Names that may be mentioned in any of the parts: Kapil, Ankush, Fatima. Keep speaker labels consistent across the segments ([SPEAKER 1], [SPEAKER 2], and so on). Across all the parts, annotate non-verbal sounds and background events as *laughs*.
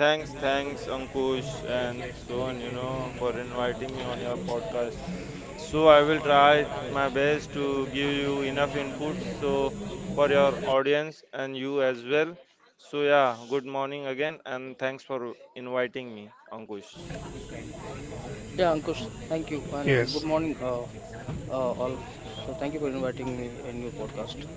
[SPEAKER 1] Thanks, thanks, Ankush and Sohan, you know, for inviting me on your podcast. So I will try my best to give you enough input so for your audience and you as well. So yeah, good morning again and thanks for inviting me, Ankush.
[SPEAKER 2] Yeah, Ankush, thank you, and good morning, all. So, thank you for inviting me in your podcast.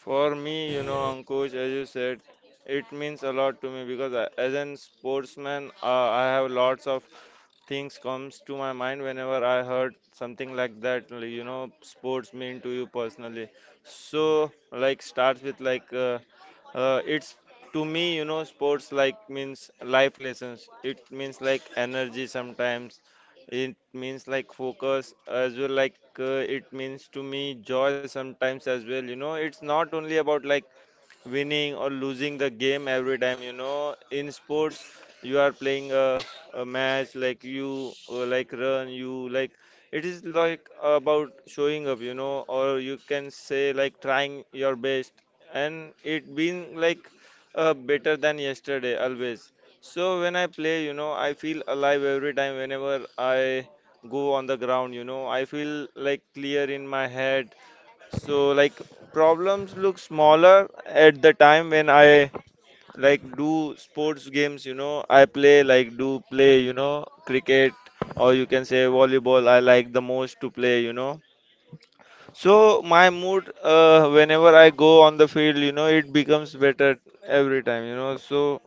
[SPEAKER 1] For me, you know, Ankush, as you said, it means a lot to me because I, as a sportsman, I have lots of things comes to my mind whenever I heard something like that. Like, you know, sports mean to you personally. So, like, starts with like, it's to me, you know, sports like means life lessons. It means like energy sometimes, it means like focus as well, like it means to me joy sometimes as well. You know, it's not only about like winning or losing the game every time, you know, in sports you are playing a match, like you like run, you like, it is like about showing up, you know, or you can say like trying your best, and it being like better than yesterday always. So when I play, you know, I feel alive every time, whenever I go on the ground, you know, I feel like clear in my head. So like problems look smaller at the time when I like do sports games, you know, I play like do play, you know, cricket, or you can say volleyball I like the most to play, you know. So my mood, whenever I go on the field, you know, it becomes better every time, you know. So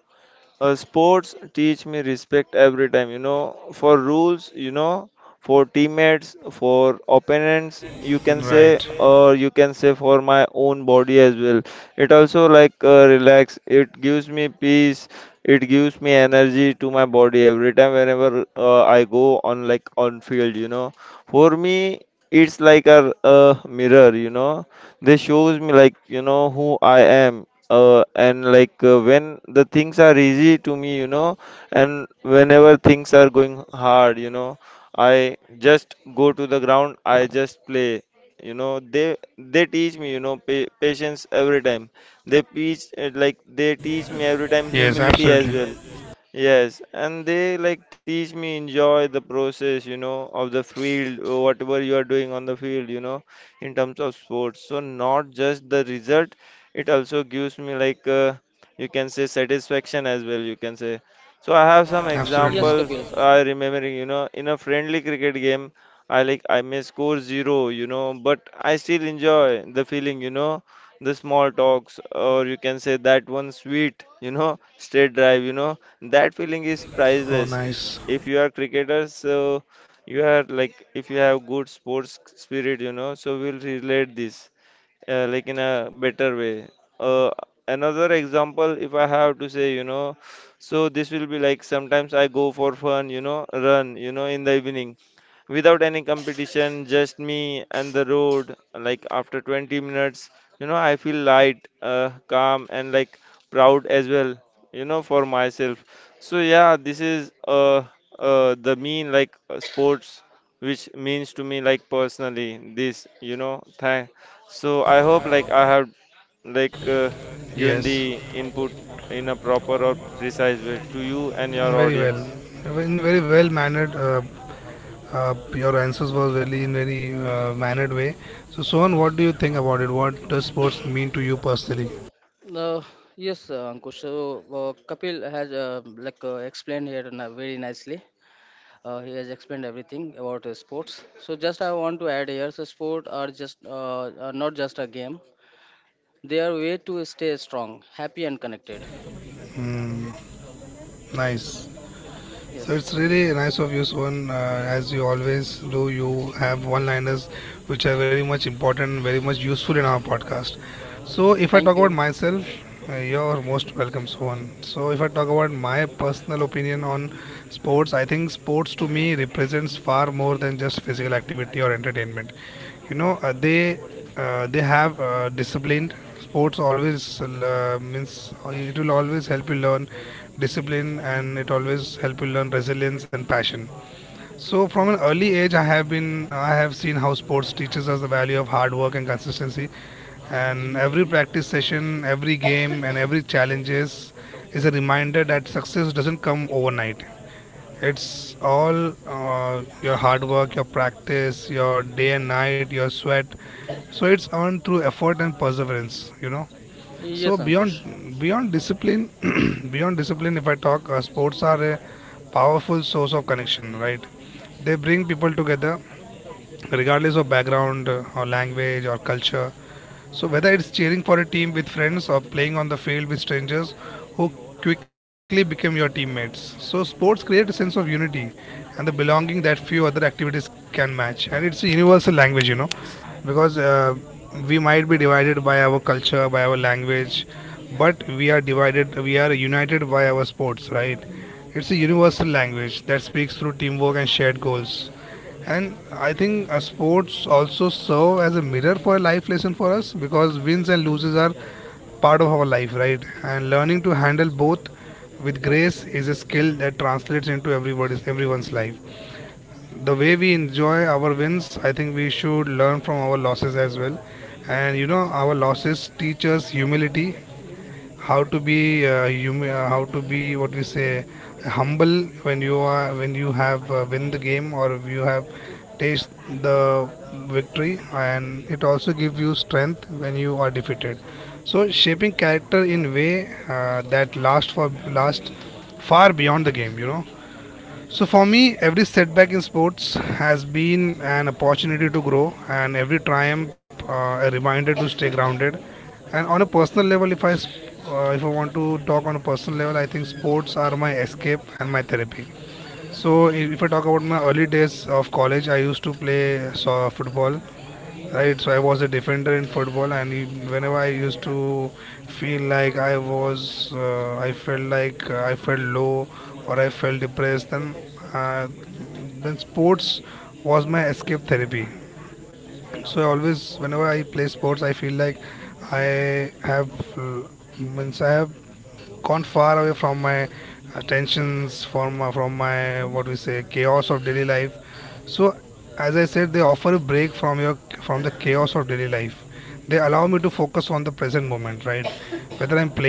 [SPEAKER 1] sports teach me respect every time, you know, for rules, you know, for teammates, for opponents, you can say, or you can say for my own body as well. It also like relax, it gives me peace, it gives me energy to my body every time whenever I go on like on field, you know. For me, it's like a mirror, you know. They shows me like, you know, who I am, and like when the things are easy to me, you know, and whenever things are going hard, you know, I just go to the ground, I just play. You know, they teach me, you know, patience every time. They teach, like they teach me every time humility as well. Yes, and they like teach me enjoy the process, you know, of the field, whatever you are doing on the field, you know, in terms of sports. So not just the result, it also gives me like you can say satisfaction as well, you can say. So I have some
[SPEAKER 2] Yes,
[SPEAKER 1] examples
[SPEAKER 2] Kapil.
[SPEAKER 1] I remember, you know, in a friendly cricket game, I like I may score zero, you know, but I still enjoy the feeling, you know, the small talks, or you can say that one sweet, you know, straight drive, you know, that feeling is priceless if you are cricketers. So you are like, if you have good sports spirit, you know, so we'll relate this like in a better way. Uh, another example, if I have to say, you know, so this will be like sometimes I go for fun, you know, run, you know, in the evening without any competition, just me and the road. Like after 20 minutes, you know, I feel light, calm, and like proud as well, you know, for myself. So yeah, this is the mean like sports, which means to me like personally this, you know, thank. So I hope like I have like given the input in a proper or precise way to you and your audience.
[SPEAKER 2] Uh, yes, Ankush. So, Kapil has explained here, very nicely. He has explained everything about sports. So, just I want to add here, so sport are just are not just a game. They are way to stay strong, happy, and connected. Yes. Thank you. Yes, Ankush.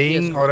[SPEAKER 2] Yes, yes,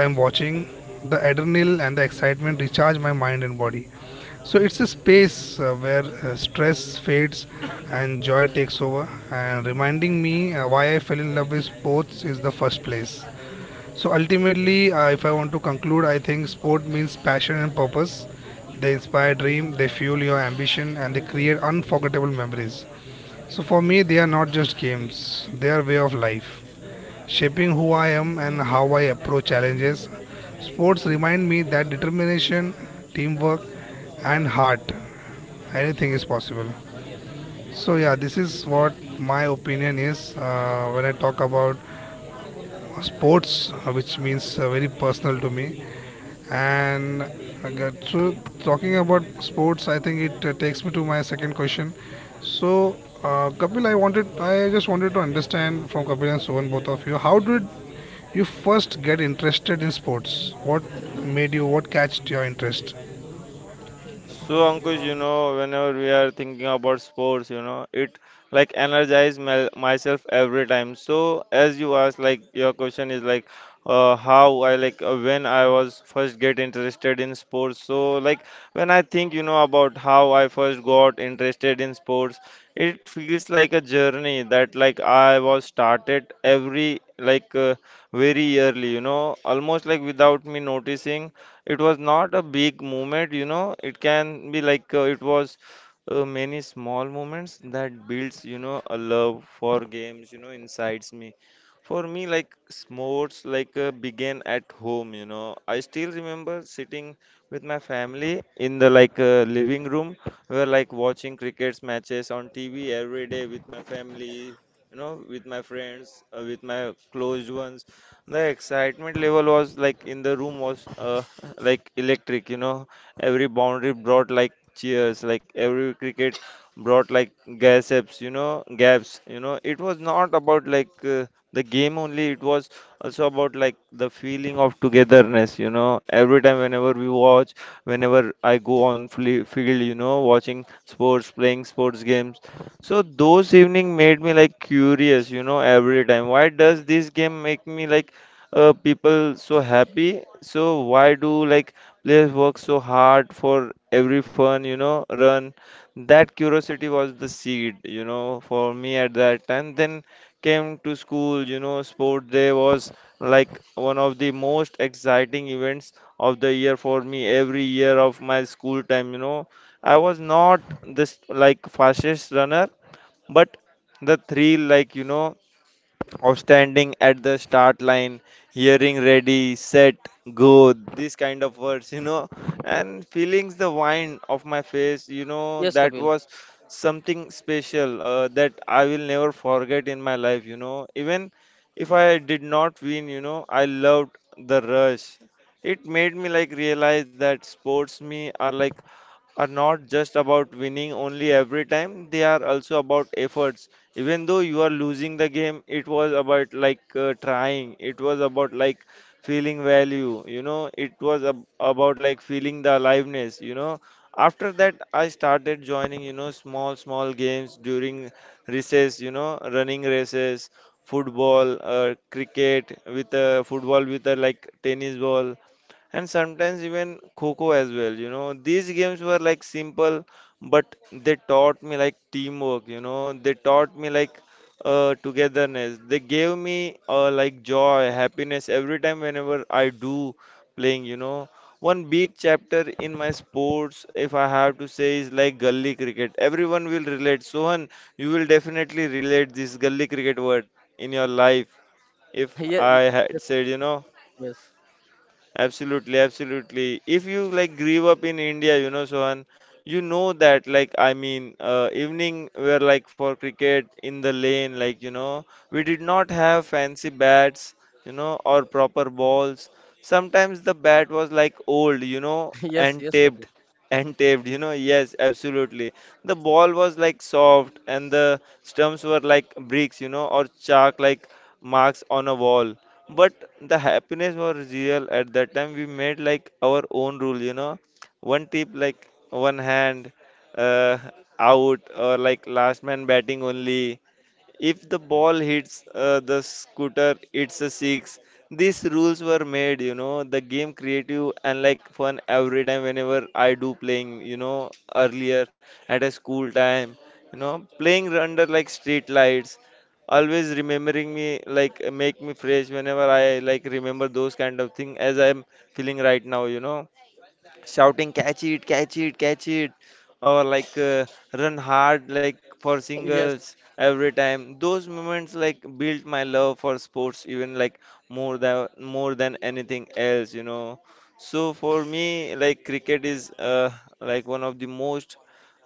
[SPEAKER 1] So Ankush, you know, whenever we are thinking about sports, you know, it like energize myself every time. So as you asked, like your question is like, how I like when I was first get interested in sports. So like when I think, you know, about how I first got interested in sports, it feels like a journey that like I was started every like very early, you know, almost like without me noticing. It was not a big movement, you know. It can be like it was many small moments that builds, you know, a love for games, you know, insides me. For me, like sports, like began at home, you know. I still remember sitting with my family in the like living room. We were like watching cricket matches on TV every day with my family, you know, with my friends, with my close ones. The excitement level was like in the room was *laughs* like electric, you know. Every boundary brought like cheers, like every cricket brought like gasps, you know, gaps, you know. It was not about like the game only, it was also about like the feeling of togetherness, you know. Every time, whenever we watch, whenever I go on field, you know, watching sports, playing sports games, so those evening made me like curious, you know, every time. Why does this game make me like people so happy? So why do like players work so hard for every fun, you know, run? That curiosity was the seed, you know, for me at that time. Then came to school, you know, sport day was like one of the most exciting events of the year for me every year of my school time, you know. I was not this like fastest runner, but the thrill, like you know, of standing at the start line, hearing ready, set, go, this kind of words, you know, and feelings the wind of my face, you know,
[SPEAKER 2] yes,
[SPEAKER 1] that
[SPEAKER 2] Kapil.
[SPEAKER 1] was something special that I will never forget in my life, you know. Even if I did not win, you know, I loved the rush. It made me like realize that sports me are like are not just about winning only every time, they are also about efforts. Even though you are losing the game, it was about like trying, it was about like feeling value, you know, it was about like feeling the aliveness, you know. After that, I started joining, you know, small small games during recess, you know, running races, football, cricket with a football, with a like tennis ball, and sometimes even Coco as well. You know, these games were like simple, but they taught me like teamwork. You know, they taught me like togetherness. They gave me like joy, happiness every time whenever I do playing. You know, one big chapter in my sports, if I have to say, is like gully cricket. Everyone will relate. Sohan, you will definitely relate this gully cricket word in your life,
[SPEAKER 2] *laughs*
[SPEAKER 1] if
[SPEAKER 2] Yes,
[SPEAKER 1] I had said, you know.
[SPEAKER 2] yes,
[SPEAKER 1] Absolutely, absolutely. If you like grew up in India, you know, Sohan, you know that like I mean, evening were like for cricket in the lane, like you know, we did not have fancy bats, you know, or proper balls. Sometimes the bat was like old, you know,
[SPEAKER 2] *laughs* yes, yes, Kapil.
[SPEAKER 1] and taped, you know. Yes, absolutely. The ball was like soft, and the stumps were like bricks, you know, or chalk like marks on a wall, but the happiness was real. At that time we made like our own rule, you know, one tip like one hand, uh, out, or like last man batting only. If the ball hits, the scooter, it's a six. These rules were made, you know, the game creative and like fun every time whenever I do playing, you know, earlier at a school time, you know, playing under like street lights, always remembering me like make me fresh whenever I like remember those kind of thing as I'm feeling right now, you know, shouting catch it, catch it, catch it, or like run hard like for
[SPEAKER 2] Yes,
[SPEAKER 1] singles every time. Those moments like built my love for sports even like more than anything else, you know. So for me, like cricket is like one of the most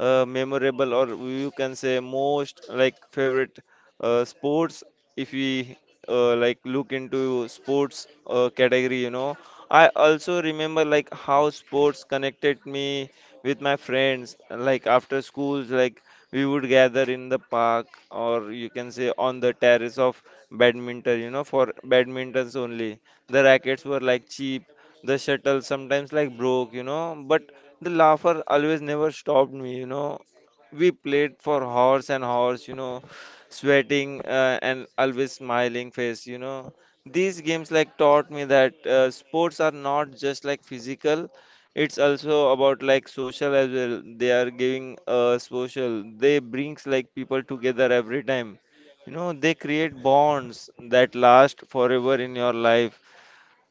[SPEAKER 1] memorable, or you can say most like favorite sports, if we like look into sports category, you know. I also remember like how sports connected me with my friends. Like after schools, like we would gather in the park or you can say on the terrace of badminton, you know, for badmintons only. The rackets were like cheap, the shuttle sometimes like broke, you know, but the laughter always never stopped me, you know. We played for hours and hours, you know, sweating and always smiling face, you know. These games like taught me that sports are not just like physical, it's also about like social as well. They are giving social. They brings like people together every time. You know, they create bonds that last forever in your life.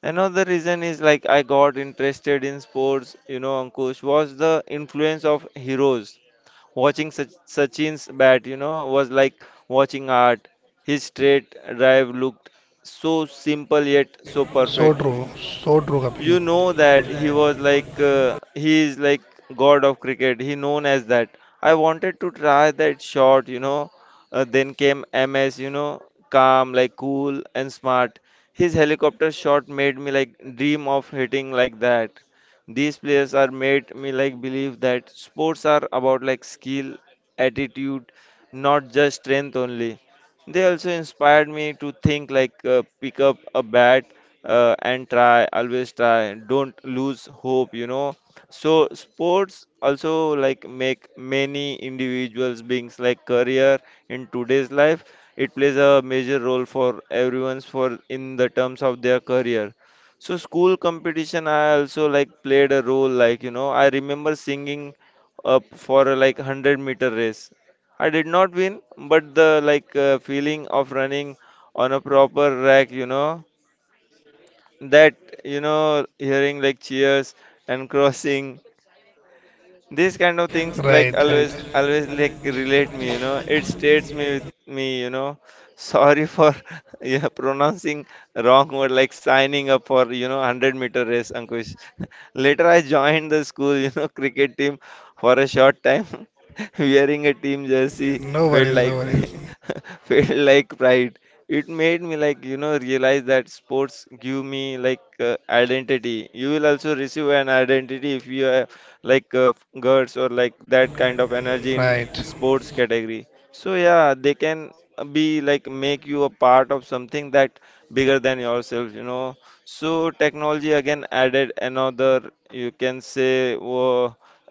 [SPEAKER 1] Another reason is like I got interested in sports, you know, Ankush, was the influence of heroes. Watching Sachin's bat, you know, was like watching art. His straight drive looked so simple yet so perfect, you know, that he was like he is like god of cricket, he known as that. I wanted to try that shot, you know. Then came MS, you know, calm, like cool and smart. His helicopter shot made me like dream of hitting like that. These players are made me like believe that sports are about like skill, attitude, not just strength only. They also inspired me to think like pick up a bat and try, always try, don't lose hope, you know. So sports also like make many individuals beings like career in today's life. It plays a major role for everyone's, for in the terms of their career. So school competition I also like played a role, like, you know, I remember singing up for a, like, 100-meter race. I did not win, but the, like, feeling of running on a proper rack, you know, that, you know, hearing like cheers and *laughs* crossing, these kind of things like always like relate me, you know. It states me with me, you know. Sorry for *laughs* yeah, pronouncing wrong word, like signing up for, you know, 100-meter race, Ankush. *laughs* Later I joined the school, you know, *laughs* cricket team for a short time. *laughs* Wearing a team jersey felt like *laughs* felt like pride. It made me like, you know, realize that sports give me like identity. You will also receive an identity if you are like girls or like that kind of energy in sports category. So yeah, they can be like make you a part of something that bigger than yourself, you know. So technology again added another, you can say,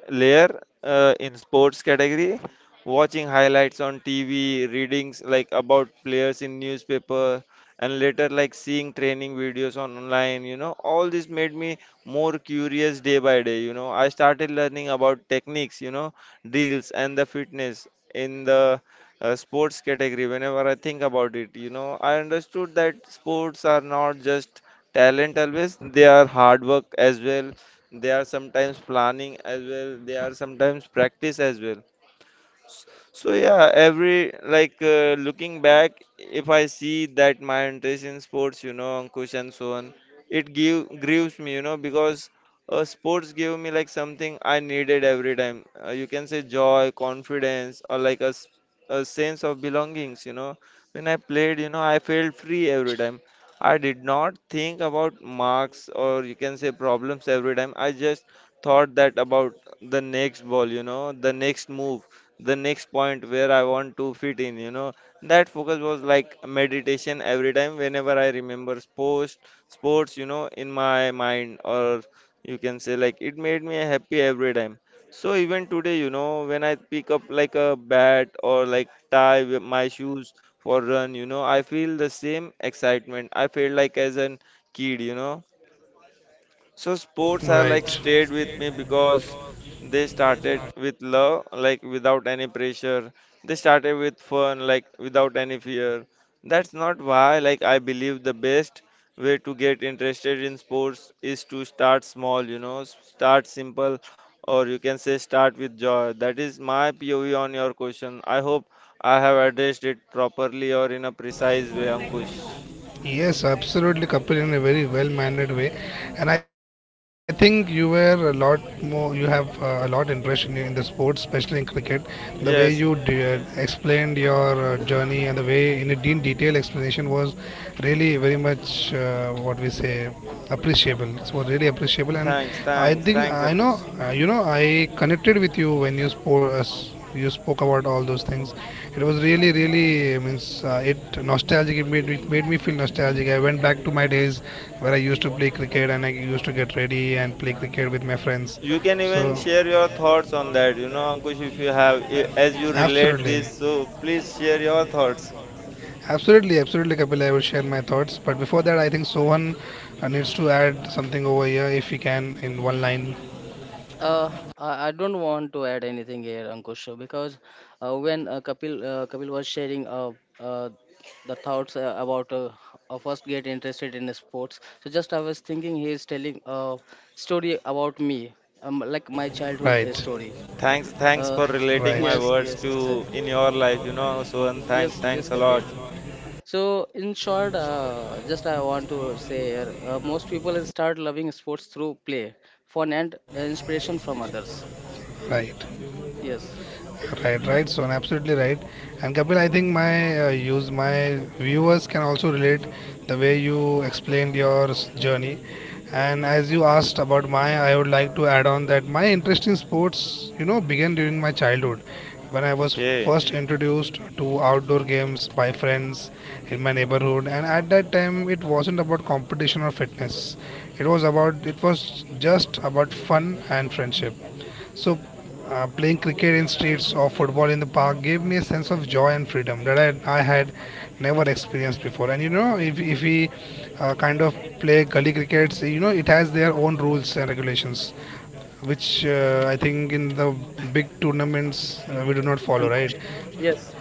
[SPEAKER 1] layer in sports category, watching highlights on TV, readings like about players in newspaper, and later like seeing training videos on online, you know. All this made me more curious day by day, you know. I started learning about techniques, you know, drills and the fitness in the sports category. Whenever I think about it, you know, I understood that sports are not just talent always, they are hard work as well, they are sometimes planning as well, they are sometimes practice as well. S- So yeah, every like looking back, if I see that my interest in sports, you know, Ankush and so on, it give grieves me, you know, because sports gave me like something I needed every time. You can say joy, confidence, or like a, a sense of belongings, you know. When I played, you know, I felt free every time. I did not think about marks or, you can say, problems every time. I just thought that about the next ball, you know, the next move, the next point where I want to fit in, you know. That focus was like meditation every time, whenever I remember sports, sports, you know, in my mind, or you can say like it made me happy every time. So even today, you know, when I pick up like a bat or like tie with my shoes for run, you know, I feel the same excitement I feel like as an kid, you know. So sports have like stayed with me because they started with love, like without any pressure. They started with fun, like without any fear. That's not why like I believe the best way to get interested in sports is to start small, you know, start simple, or you can say start with joy. That is my POV on your question. I hope I have addressed it properly or in a precise way, Ankush. Yes, thanks, thanks, thanks, Ankush. You can even share your thoughts on that, you know, Ankush, if you have, as you relate this, so please share your thoughts.
[SPEAKER 2] uh, I don't want to add anything here, Ankush, because when Kapil was sharing uh, the thoughts about first get interested in sports, so just I was thinking he is telling a story about me, like my childhood story.
[SPEAKER 1] Thanks, thanks
[SPEAKER 2] Uh,
[SPEAKER 1] for relating
[SPEAKER 2] *laughs*
[SPEAKER 1] my
[SPEAKER 2] yes,
[SPEAKER 1] words
[SPEAKER 2] yes,
[SPEAKER 1] to in your life, you know, so, and
[SPEAKER 2] yes,
[SPEAKER 1] thanks,
[SPEAKER 2] yes,
[SPEAKER 1] thanks a
[SPEAKER 2] Kapil.
[SPEAKER 1] lot.
[SPEAKER 2] So in short, just I want to say here, most people start loving sports through play, fun, and inspiration from others. Yes.
[SPEAKER 1] Okay.
[SPEAKER 2] Yes, Ankush. Yes,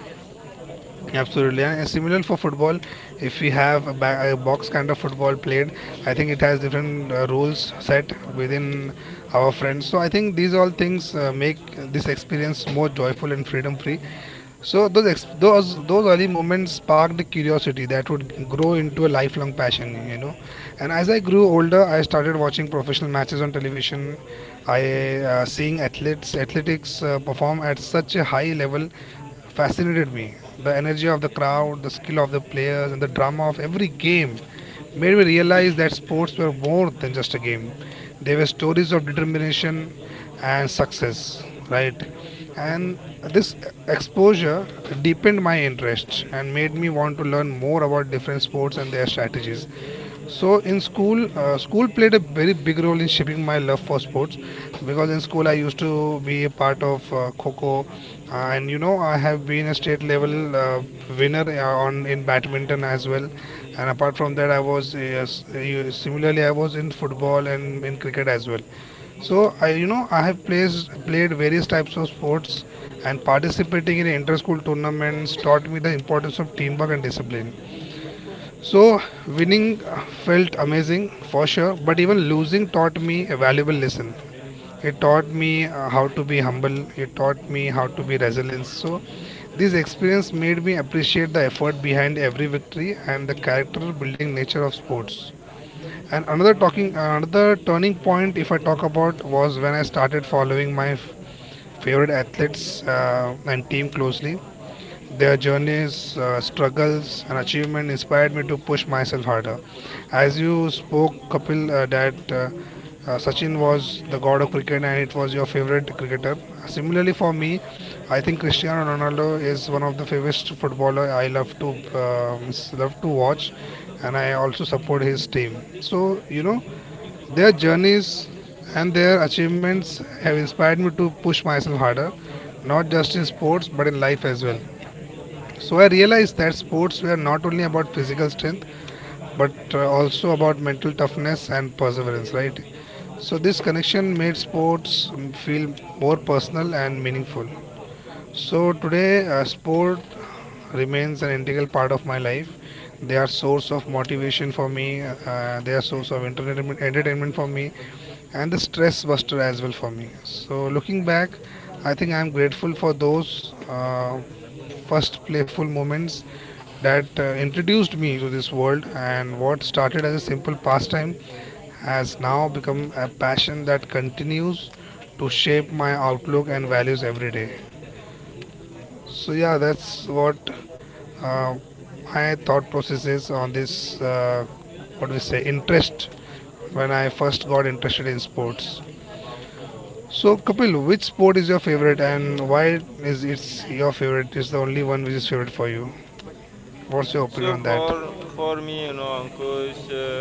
[SPEAKER 1] So for me, you know, Ankush,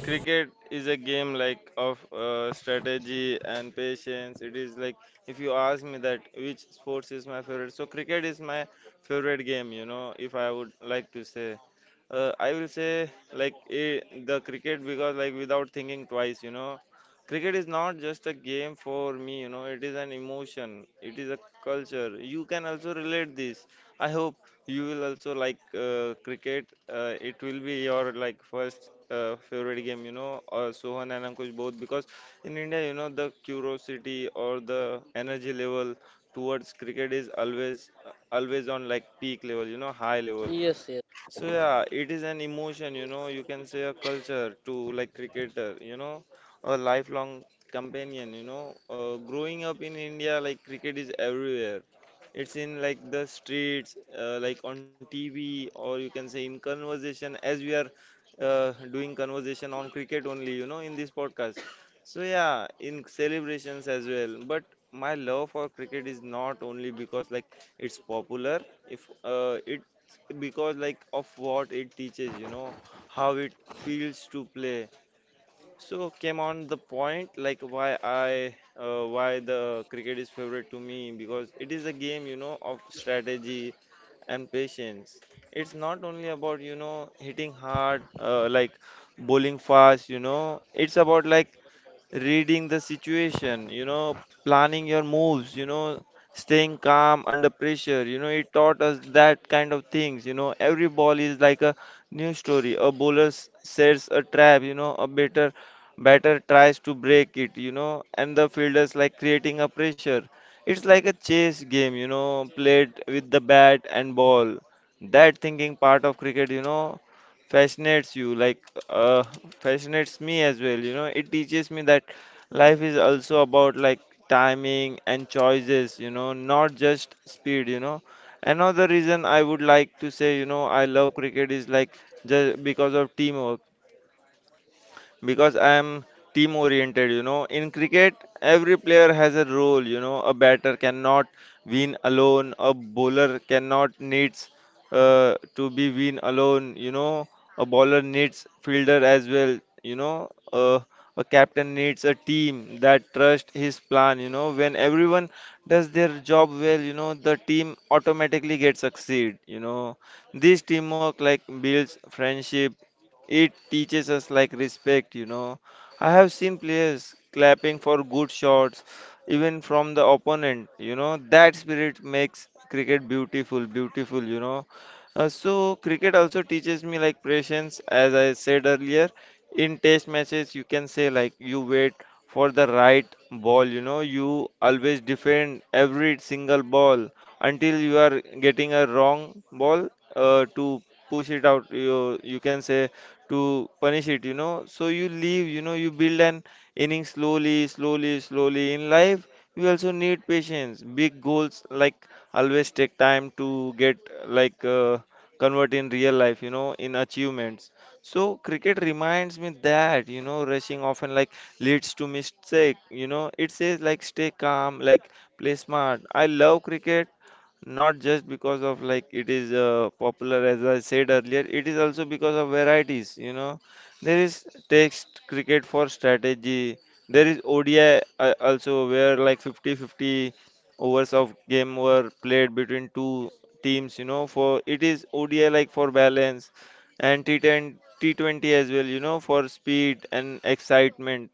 [SPEAKER 1] cricket is a game like of strategy and patience. It is like, if you ask me that which sports is my favorite, so cricket is my favorite game. You know, if I would like to say, I will say like eh, the cricket, because like without thinking twice, you know, cricket is not just a game for me. You know, it is an emotion. It is a culture. You can also relate this. I hope you will also like cricket. It will be your like first favorite game, you know, Sohan and Ankush both, because in India, you know, the curiosity or the energy level towards cricket is always always on like peak level, you know, high level.
[SPEAKER 2] yes, yes,
[SPEAKER 1] So yeah, it is an emotion, you know, you can say a culture to like cricketer, you know, a lifelong companion, you know. Growing up in India, like cricket is everywhere. It's in like the streets, like on TV, or you can say in conversation, as we are doing conversation on cricket only, you know, in this podcast. So yeah, in celebrations as well. But my love for cricket is not only because like it's popular, if it, because like of what it teaches, you know, how it feels to play. So came on the point like why I why the cricket is favorite to me, because it is a game, you know, of strategy and patience. It's not only about, you know, hitting hard, like bowling fast, you know. It's about like reading the situation, you know, planning your moves, you know, staying calm under pressure, you know. It taught us that kind of things, you know. Every ball is like a new story, a bowler sets a trap, you know, a better batter tries to break it, you know, and the fielders like creating a pressure. It's like a chase game, you know, played with the bat and ball. That thinking part of cricket, you know, fascinates you, like uh, fascinates me as well. You know, it teaches me that life is also about like timing and choices, you know, not just speed, you know. Another reason I would like to say, you know, I love cricket is like just because of teamwork, because I am team oriented, you know. In cricket, every player has a role, you know. A batter cannot win alone, a bowler cannot needs to be win alone, you know. A bowler needs fielder as well, you know. A captain needs a team that trust his plan, you know. When everyone does their job well, you know, the team automatically gets succeed, you know. This teamwork like builds friendship, it teaches us like respect, you know. I have seen players clapping for good shots, even from the opponent, you know. That spirit makes cricket beautiful, beautiful, you know. So cricket also teaches me like patience, as I said earlier. In test matches, you can say like you wait for the right ball, you know, you always defend every single ball until you are getting a wrong ball to push it out. You can say to punish it, you know. So you leave, you know, you build an inning slowly, slowly, slowly. In life, you also need patience. Big goals like always take time to get like convert in real life, you know, in achievements. So cricket reminds me that, you know, rushing often like leads to mistake, you know. It says like stay calm, like play smart. I love cricket not just because of like it is popular, as I said earlier. It is also because of varieties, you know. There is text cricket for strategy, there is ODI, also, where like 50 50 overs of game were played between two teams, you know, for it is ODI like for balance, and T10, T20 as well, you know, for speed and excitement.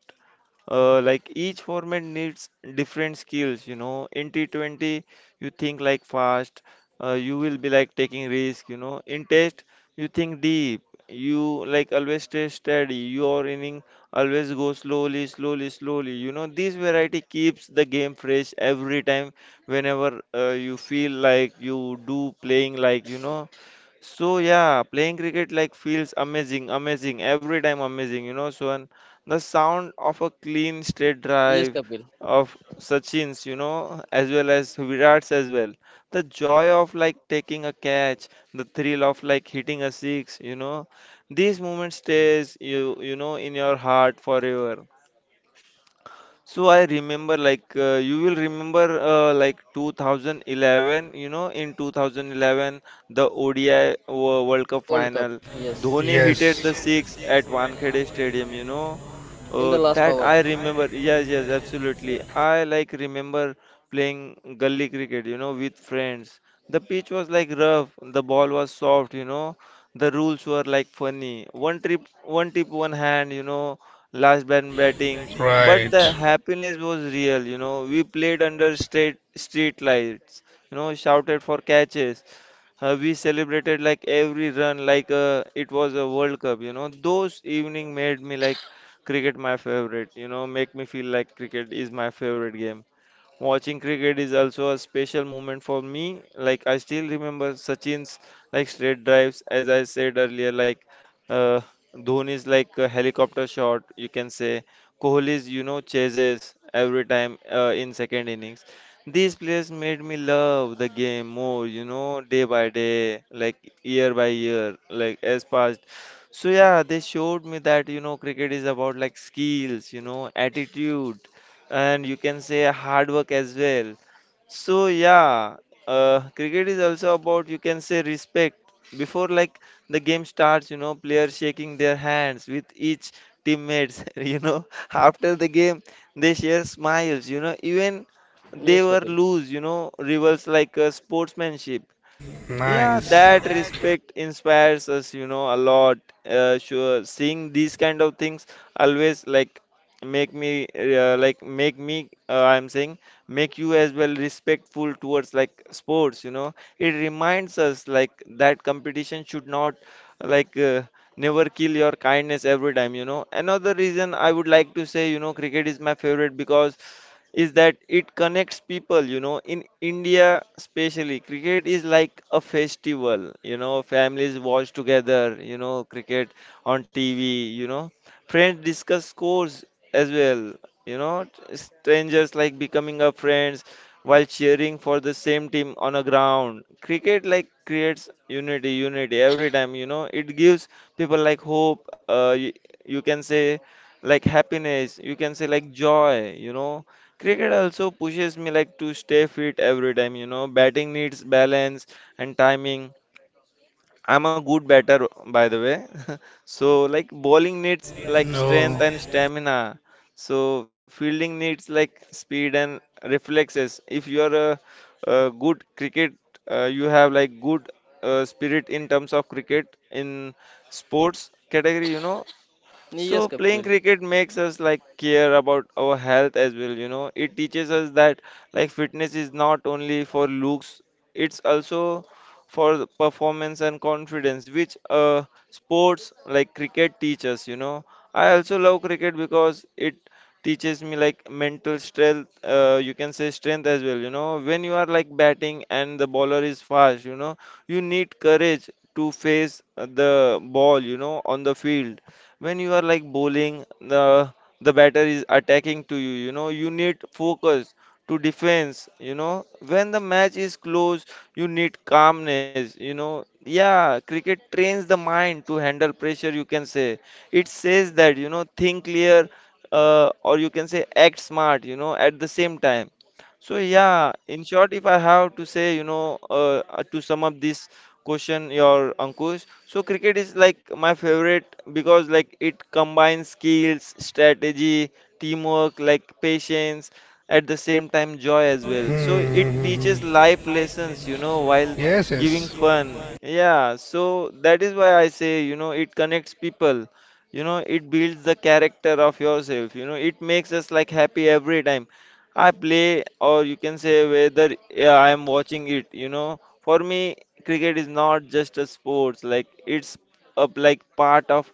[SPEAKER 1] Like each format needs different skills, you know. In T20, you think like fast, you will be like taking risk, you know. In test, you think deep, you like always stay steady, your inning always go slowly, slowly, slowly. You know, this variety keeps the game fresh every time whenever you feel like you do playing like, you know. So yeah, playing cricket like feels amazing, amazing every time amazing, you know. So the sound of a clean straight
[SPEAKER 2] yes,
[SPEAKER 1] drive
[SPEAKER 2] Kapil.
[SPEAKER 1] of Sachin's, you know, as well as Virat's as well. The joy of like taking a catch, the thrill of like hitting a six, you know, these moments stays you, you know, in your heart forever. So I remember, you will remember, like 2011, you know, in 2011, the World Cup
[SPEAKER 2] World Cup.
[SPEAKER 1] final,
[SPEAKER 2] Yes,
[SPEAKER 1] Dhoni hit the six at Wankhede Stadium, you know.
[SPEAKER 2] in the last
[SPEAKER 1] That
[SPEAKER 2] hour.
[SPEAKER 1] I remember. Yes, yes, absolutely.
[SPEAKER 2] Yeah.
[SPEAKER 1] I like remember playing gully cricket, you know, with friends. The pitch was like rough, the ball was soft, you know. The rules were like funny. One trip, one tip, one hand, you know. Last man batting, but the happiness was real, you know. We played under street lights, you know, shouted for catches. Uh, we celebrated like every run, like it was a world cup, you know. Those evening made me like cricket my favorite, you know, make me feel like cricket is my favorite game. Watching cricket is also a special moment for me. Like I still remember Sachin's like straight drives, as I said earlier. Uh, Dhoni's like a helicopter shot, you can say. Kohli's, you know, chases every time, in second innings. These players made me love the game more, you know, day by day, like year by year, like as past. So yeah, they showed me that, you know, cricket is about like skills, you know, attitude, and you can say hard work as well. So yeah, cricket is also about, you can say, respect. Before like the game starts, you know, players shaking their hands with each teammates *laughs* you know, after the game they share smiles, you know, even they
[SPEAKER 2] Yes,
[SPEAKER 1] were
[SPEAKER 2] Kapil.
[SPEAKER 1] loose, you know, rivals, like sportsmanship. Yeah, that respect inspires us, you know, a lot. Sure, seeing these kind of things always like make me I'm saying make you as well, respectful towards like sports, you know. It reminds us like that competition should not like uh, never kill your kindness every time, you know. Another reason I would like to say, you know, cricket is my favorite, because is that it connects people, you know. In India, especially, cricket is like a festival, you know. Families watch together, you know, cricket on TV, you know, friends discuss scores as well, you know. T- strangers like becoming a friends while cheering for the same team on a ground. Cricket like creates unity every time, you know. It gives people like hope, you, you can say, like happiness, you can say, like joy, you know. Cricket also pushes me like to stay fit every time, you know. Batting needs balance and timing. I'm a good batter, by the way. *laughs* So like bowling needs like strength and stamina. So fielding needs like speed and reflexes. If you are a good cricket, you have like good spirit in terms of cricket in sports category, you know. So
[SPEAKER 2] Yes,
[SPEAKER 1] playing
[SPEAKER 2] Kapil.
[SPEAKER 1] cricket makes us like care about our health as well, you know. It teaches us that like fitness is not only for looks, it's also for the performance and confidence, which sports like cricket teach us, you know. I also love cricket because it teaches me like mental strength, you can say strength as well, you know. When you are like batting and the bowler is fast, you know, you need courage to face the ball, you know, on the field. When you are like bowling, the batter is attacking to you. You know, you need focus to defense. You know, when the match is close, you need calmness. You know, yeah, cricket trains the mind to handle pressure. You can say it says that, you know, think clear, or you can say act smart. You know, at the same time. So yeah, in short, if I have to say, you know, to sum up this question your Ankush. So cricket is like my favorite because like it combines skills, strategy, teamwork, like patience, at the same time joy as well. So it teaches life lessons, you know, while giving fun. Yeah, so that is why I say, you know, it connects people. You know, it builds the character of yourself. You know, it makes us like happy every time I play, or you can say whether, yeah, I am watching it. You know, for me, cricket is not just a sports. Like it's a like part of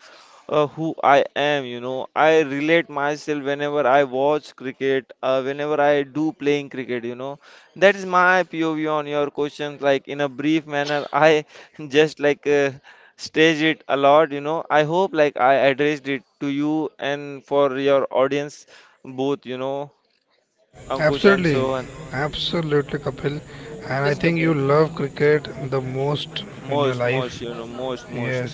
[SPEAKER 1] who I am. You know, I relate myself whenever I watch cricket. Whenever I do playing cricket, you know, that is my POV on your questions. Like in a brief manner, I *laughs* just like. Stage it a lot, you know. I hope like I addressed it to you and for your audience both, you know, Ankush and Sohan.
[SPEAKER 2] Yes, Kapil.
[SPEAKER 1] Most, most, you know, most, most.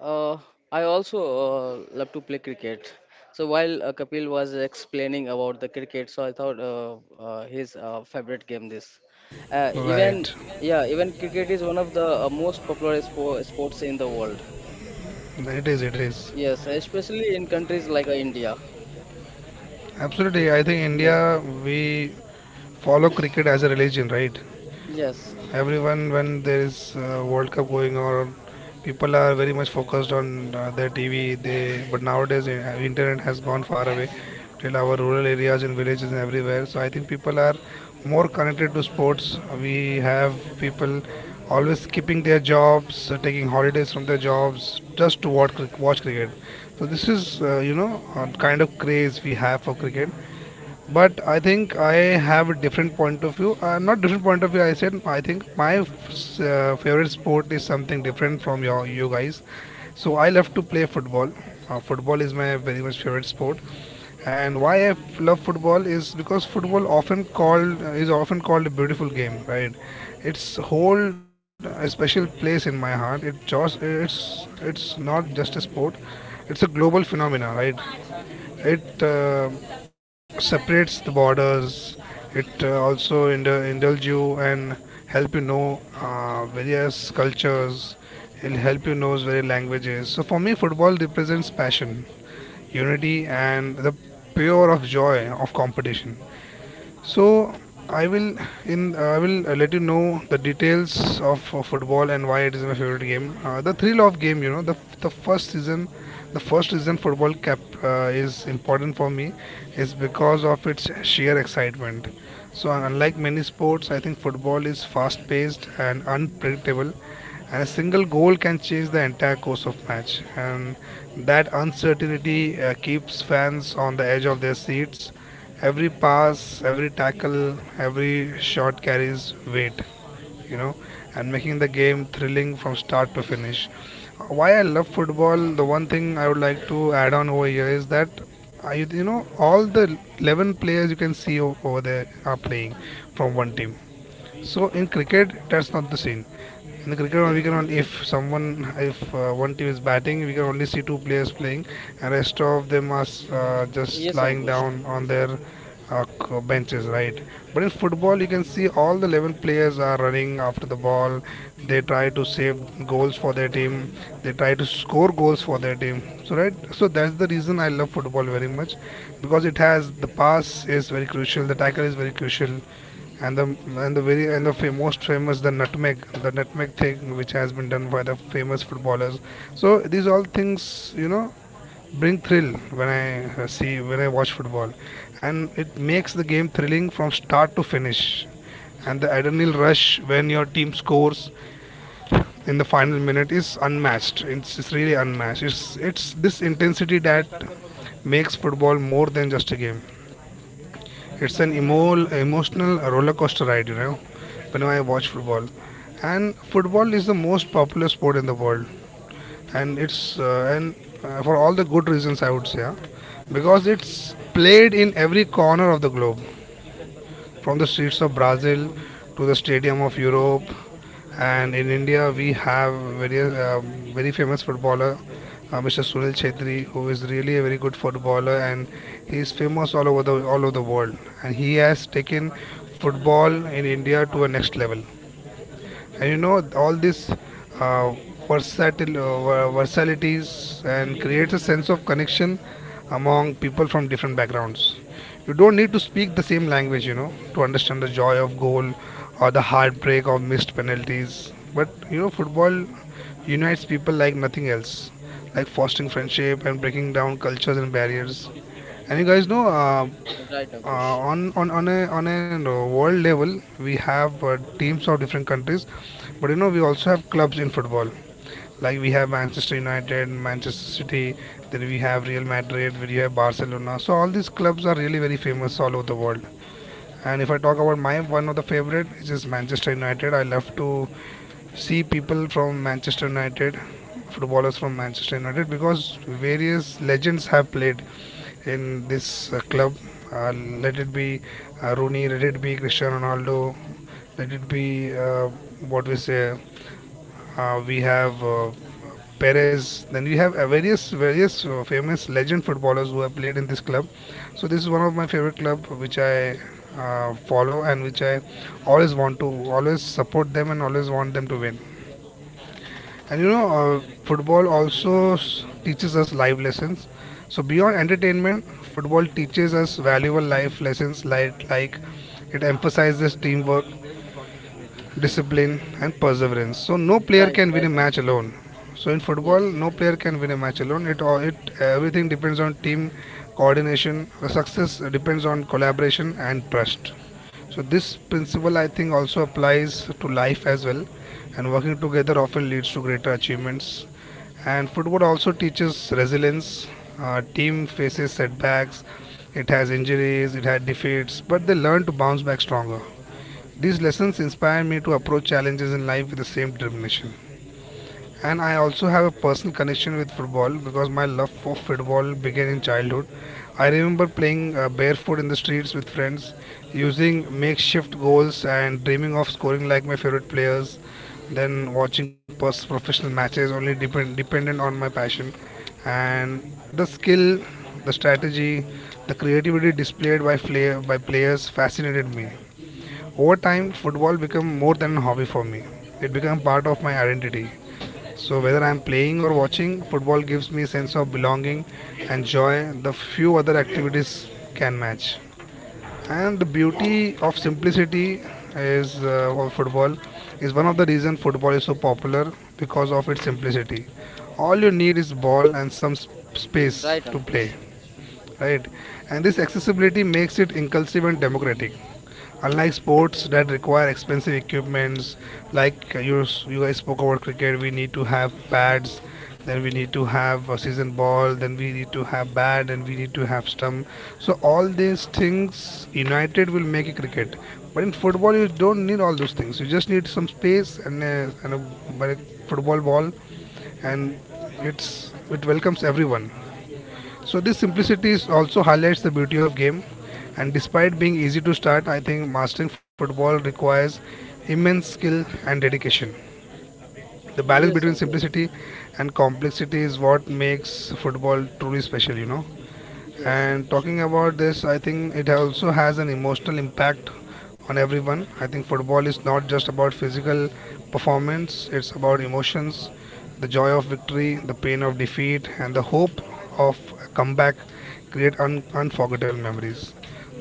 [SPEAKER 2] Uh, I also love to play cricket. So while Kapil was explaining about the cricket, so I thought his favorite game this. Uh, even yeah, even cricket is one of the most popular sports in the world. Yes, especially in countries like India. Yes, yes, yes, Ankush. Right, Ankush. Right, right, Ankush. Yes, right, Ankush. Yes, Ankush. Yes, Ankush.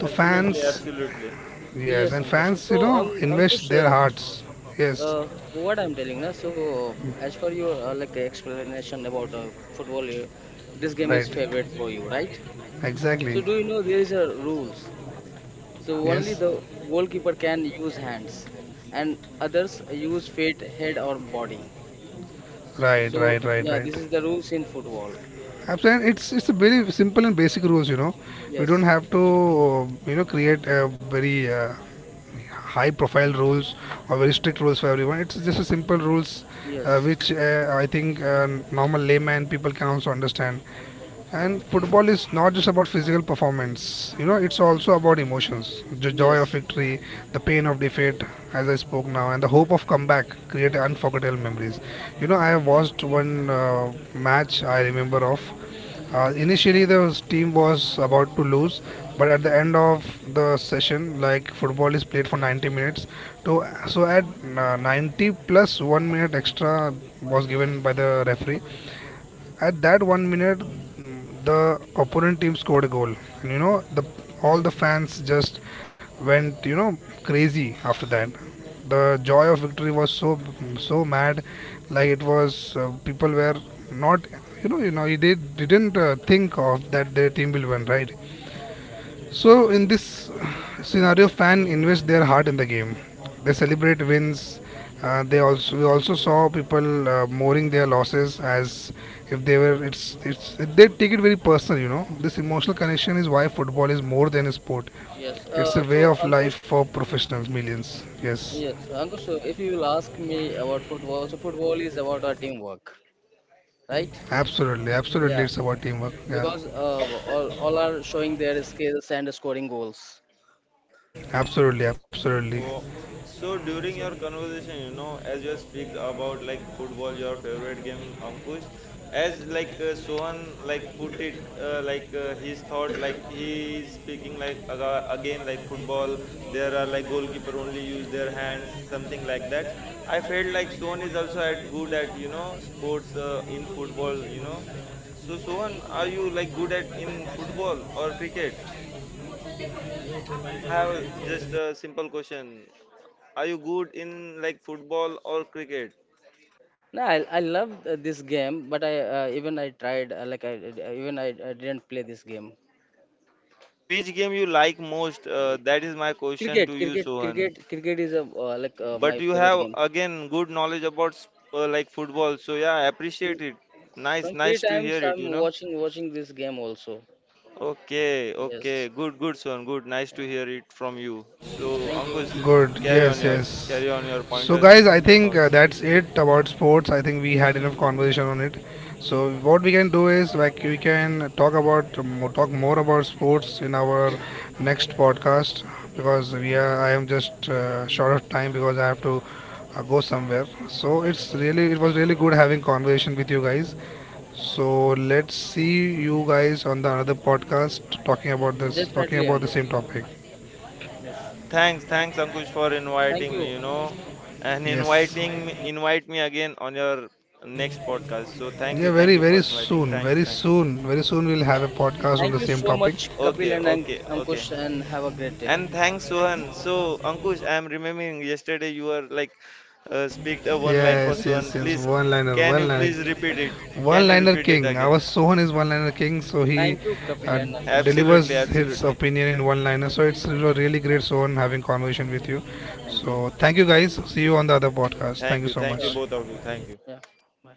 [SPEAKER 1] Absolutely, absolutely.
[SPEAKER 2] Yes, Ankush. So, Ankush, what I'm telling now, so as per your explanation about football, this game is favorite for you, right? So, do you know there is a rules? So, only the goalkeeper can use hands, and others use feet, head, or body. So, yeah, this is the rules in football. Yes, yes, yes, yes, Ankush. Yes. So Ankush, yes, Ankush. So if you will ask me about football, so football is about our teamwork, right? Yeah, because all are showing their skills and scoring goals.
[SPEAKER 1] Oh, so during your
[SPEAKER 2] Yes.
[SPEAKER 1] conversation, you know, as you speak about like football, your favorite game, Ankush, as like Sohan like put it his thought, like he is speaking like again like football. There are like goalkeeper only use their hands, something like that. I felt like Sohan is also at good at, you know, sports in football, you know. So Sohan, are you like good at in football or cricket? I have just a simple question. Are you good in like football or cricket?
[SPEAKER 2] No, I love this game, but I even I tried like I- even I didn't play this game.
[SPEAKER 1] So which game you like most?
[SPEAKER 2] I-
[SPEAKER 1] That is my question to
[SPEAKER 2] Cricket,
[SPEAKER 1] you,
[SPEAKER 2] cricket,
[SPEAKER 1] Sohan.
[SPEAKER 2] cricket, cricket is a
[SPEAKER 1] But
[SPEAKER 2] my
[SPEAKER 1] you
[SPEAKER 2] favorite
[SPEAKER 1] have
[SPEAKER 2] game.
[SPEAKER 1] again good knowledge about like football. So yeah, I
[SPEAKER 2] Mm,
[SPEAKER 1] appreciate it. Nice,
[SPEAKER 2] some
[SPEAKER 1] nice
[SPEAKER 2] few
[SPEAKER 1] to hear
[SPEAKER 2] times
[SPEAKER 1] it, you
[SPEAKER 2] I'm
[SPEAKER 1] know.
[SPEAKER 2] watching this game also.
[SPEAKER 1] Okay, okay.
[SPEAKER 2] Yes.
[SPEAKER 1] Good, good, Sohan. Good. Nice to
[SPEAKER 2] Yeah.
[SPEAKER 1] hear it from you. So
[SPEAKER 2] Thank you.
[SPEAKER 1] Ankush, carry on your carry on your pointers, your thoughts.
[SPEAKER 2] Definitely, Ankush. Yes.
[SPEAKER 1] Thanks, thanks Ankush for
[SPEAKER 2] Thank
[SPEAKER 1] inviting me,
[SPEAKER 2] you,
[SPEAKER 1] you
[SPEAKER 2] Ankush.
[SPEAKER 1] know, and invite me again on your next podcast. So thank you for inviting. Thanks, thanks.
[SPEAKER 2] Thank you so much,
[SPEAKER 1] Okay,
[SPEAKER 2] Kapil and
[SPEAKER 1] okay, okay.
[SPEAKER 2] Ankush, and have a great day.
[SPEAKER 1] And thanks, Sohan. So Ankush, I'm remembering yesterday you were like speak the one line for Sohan. Please, can you please repeat it? Can you repeat it again?
[SPEAKER 2] Thank you, Kapil and Ankush.
[SPEAKER 1] Absolutely, absolutely.
[SPEAKER 2] Thank you.
[SPEAKER 1] Thank you
[SPEAKER 2] Sure.
[SPEAKER 1] both of you. Thank you.
[SPEAKER 2] Yeah. Bye.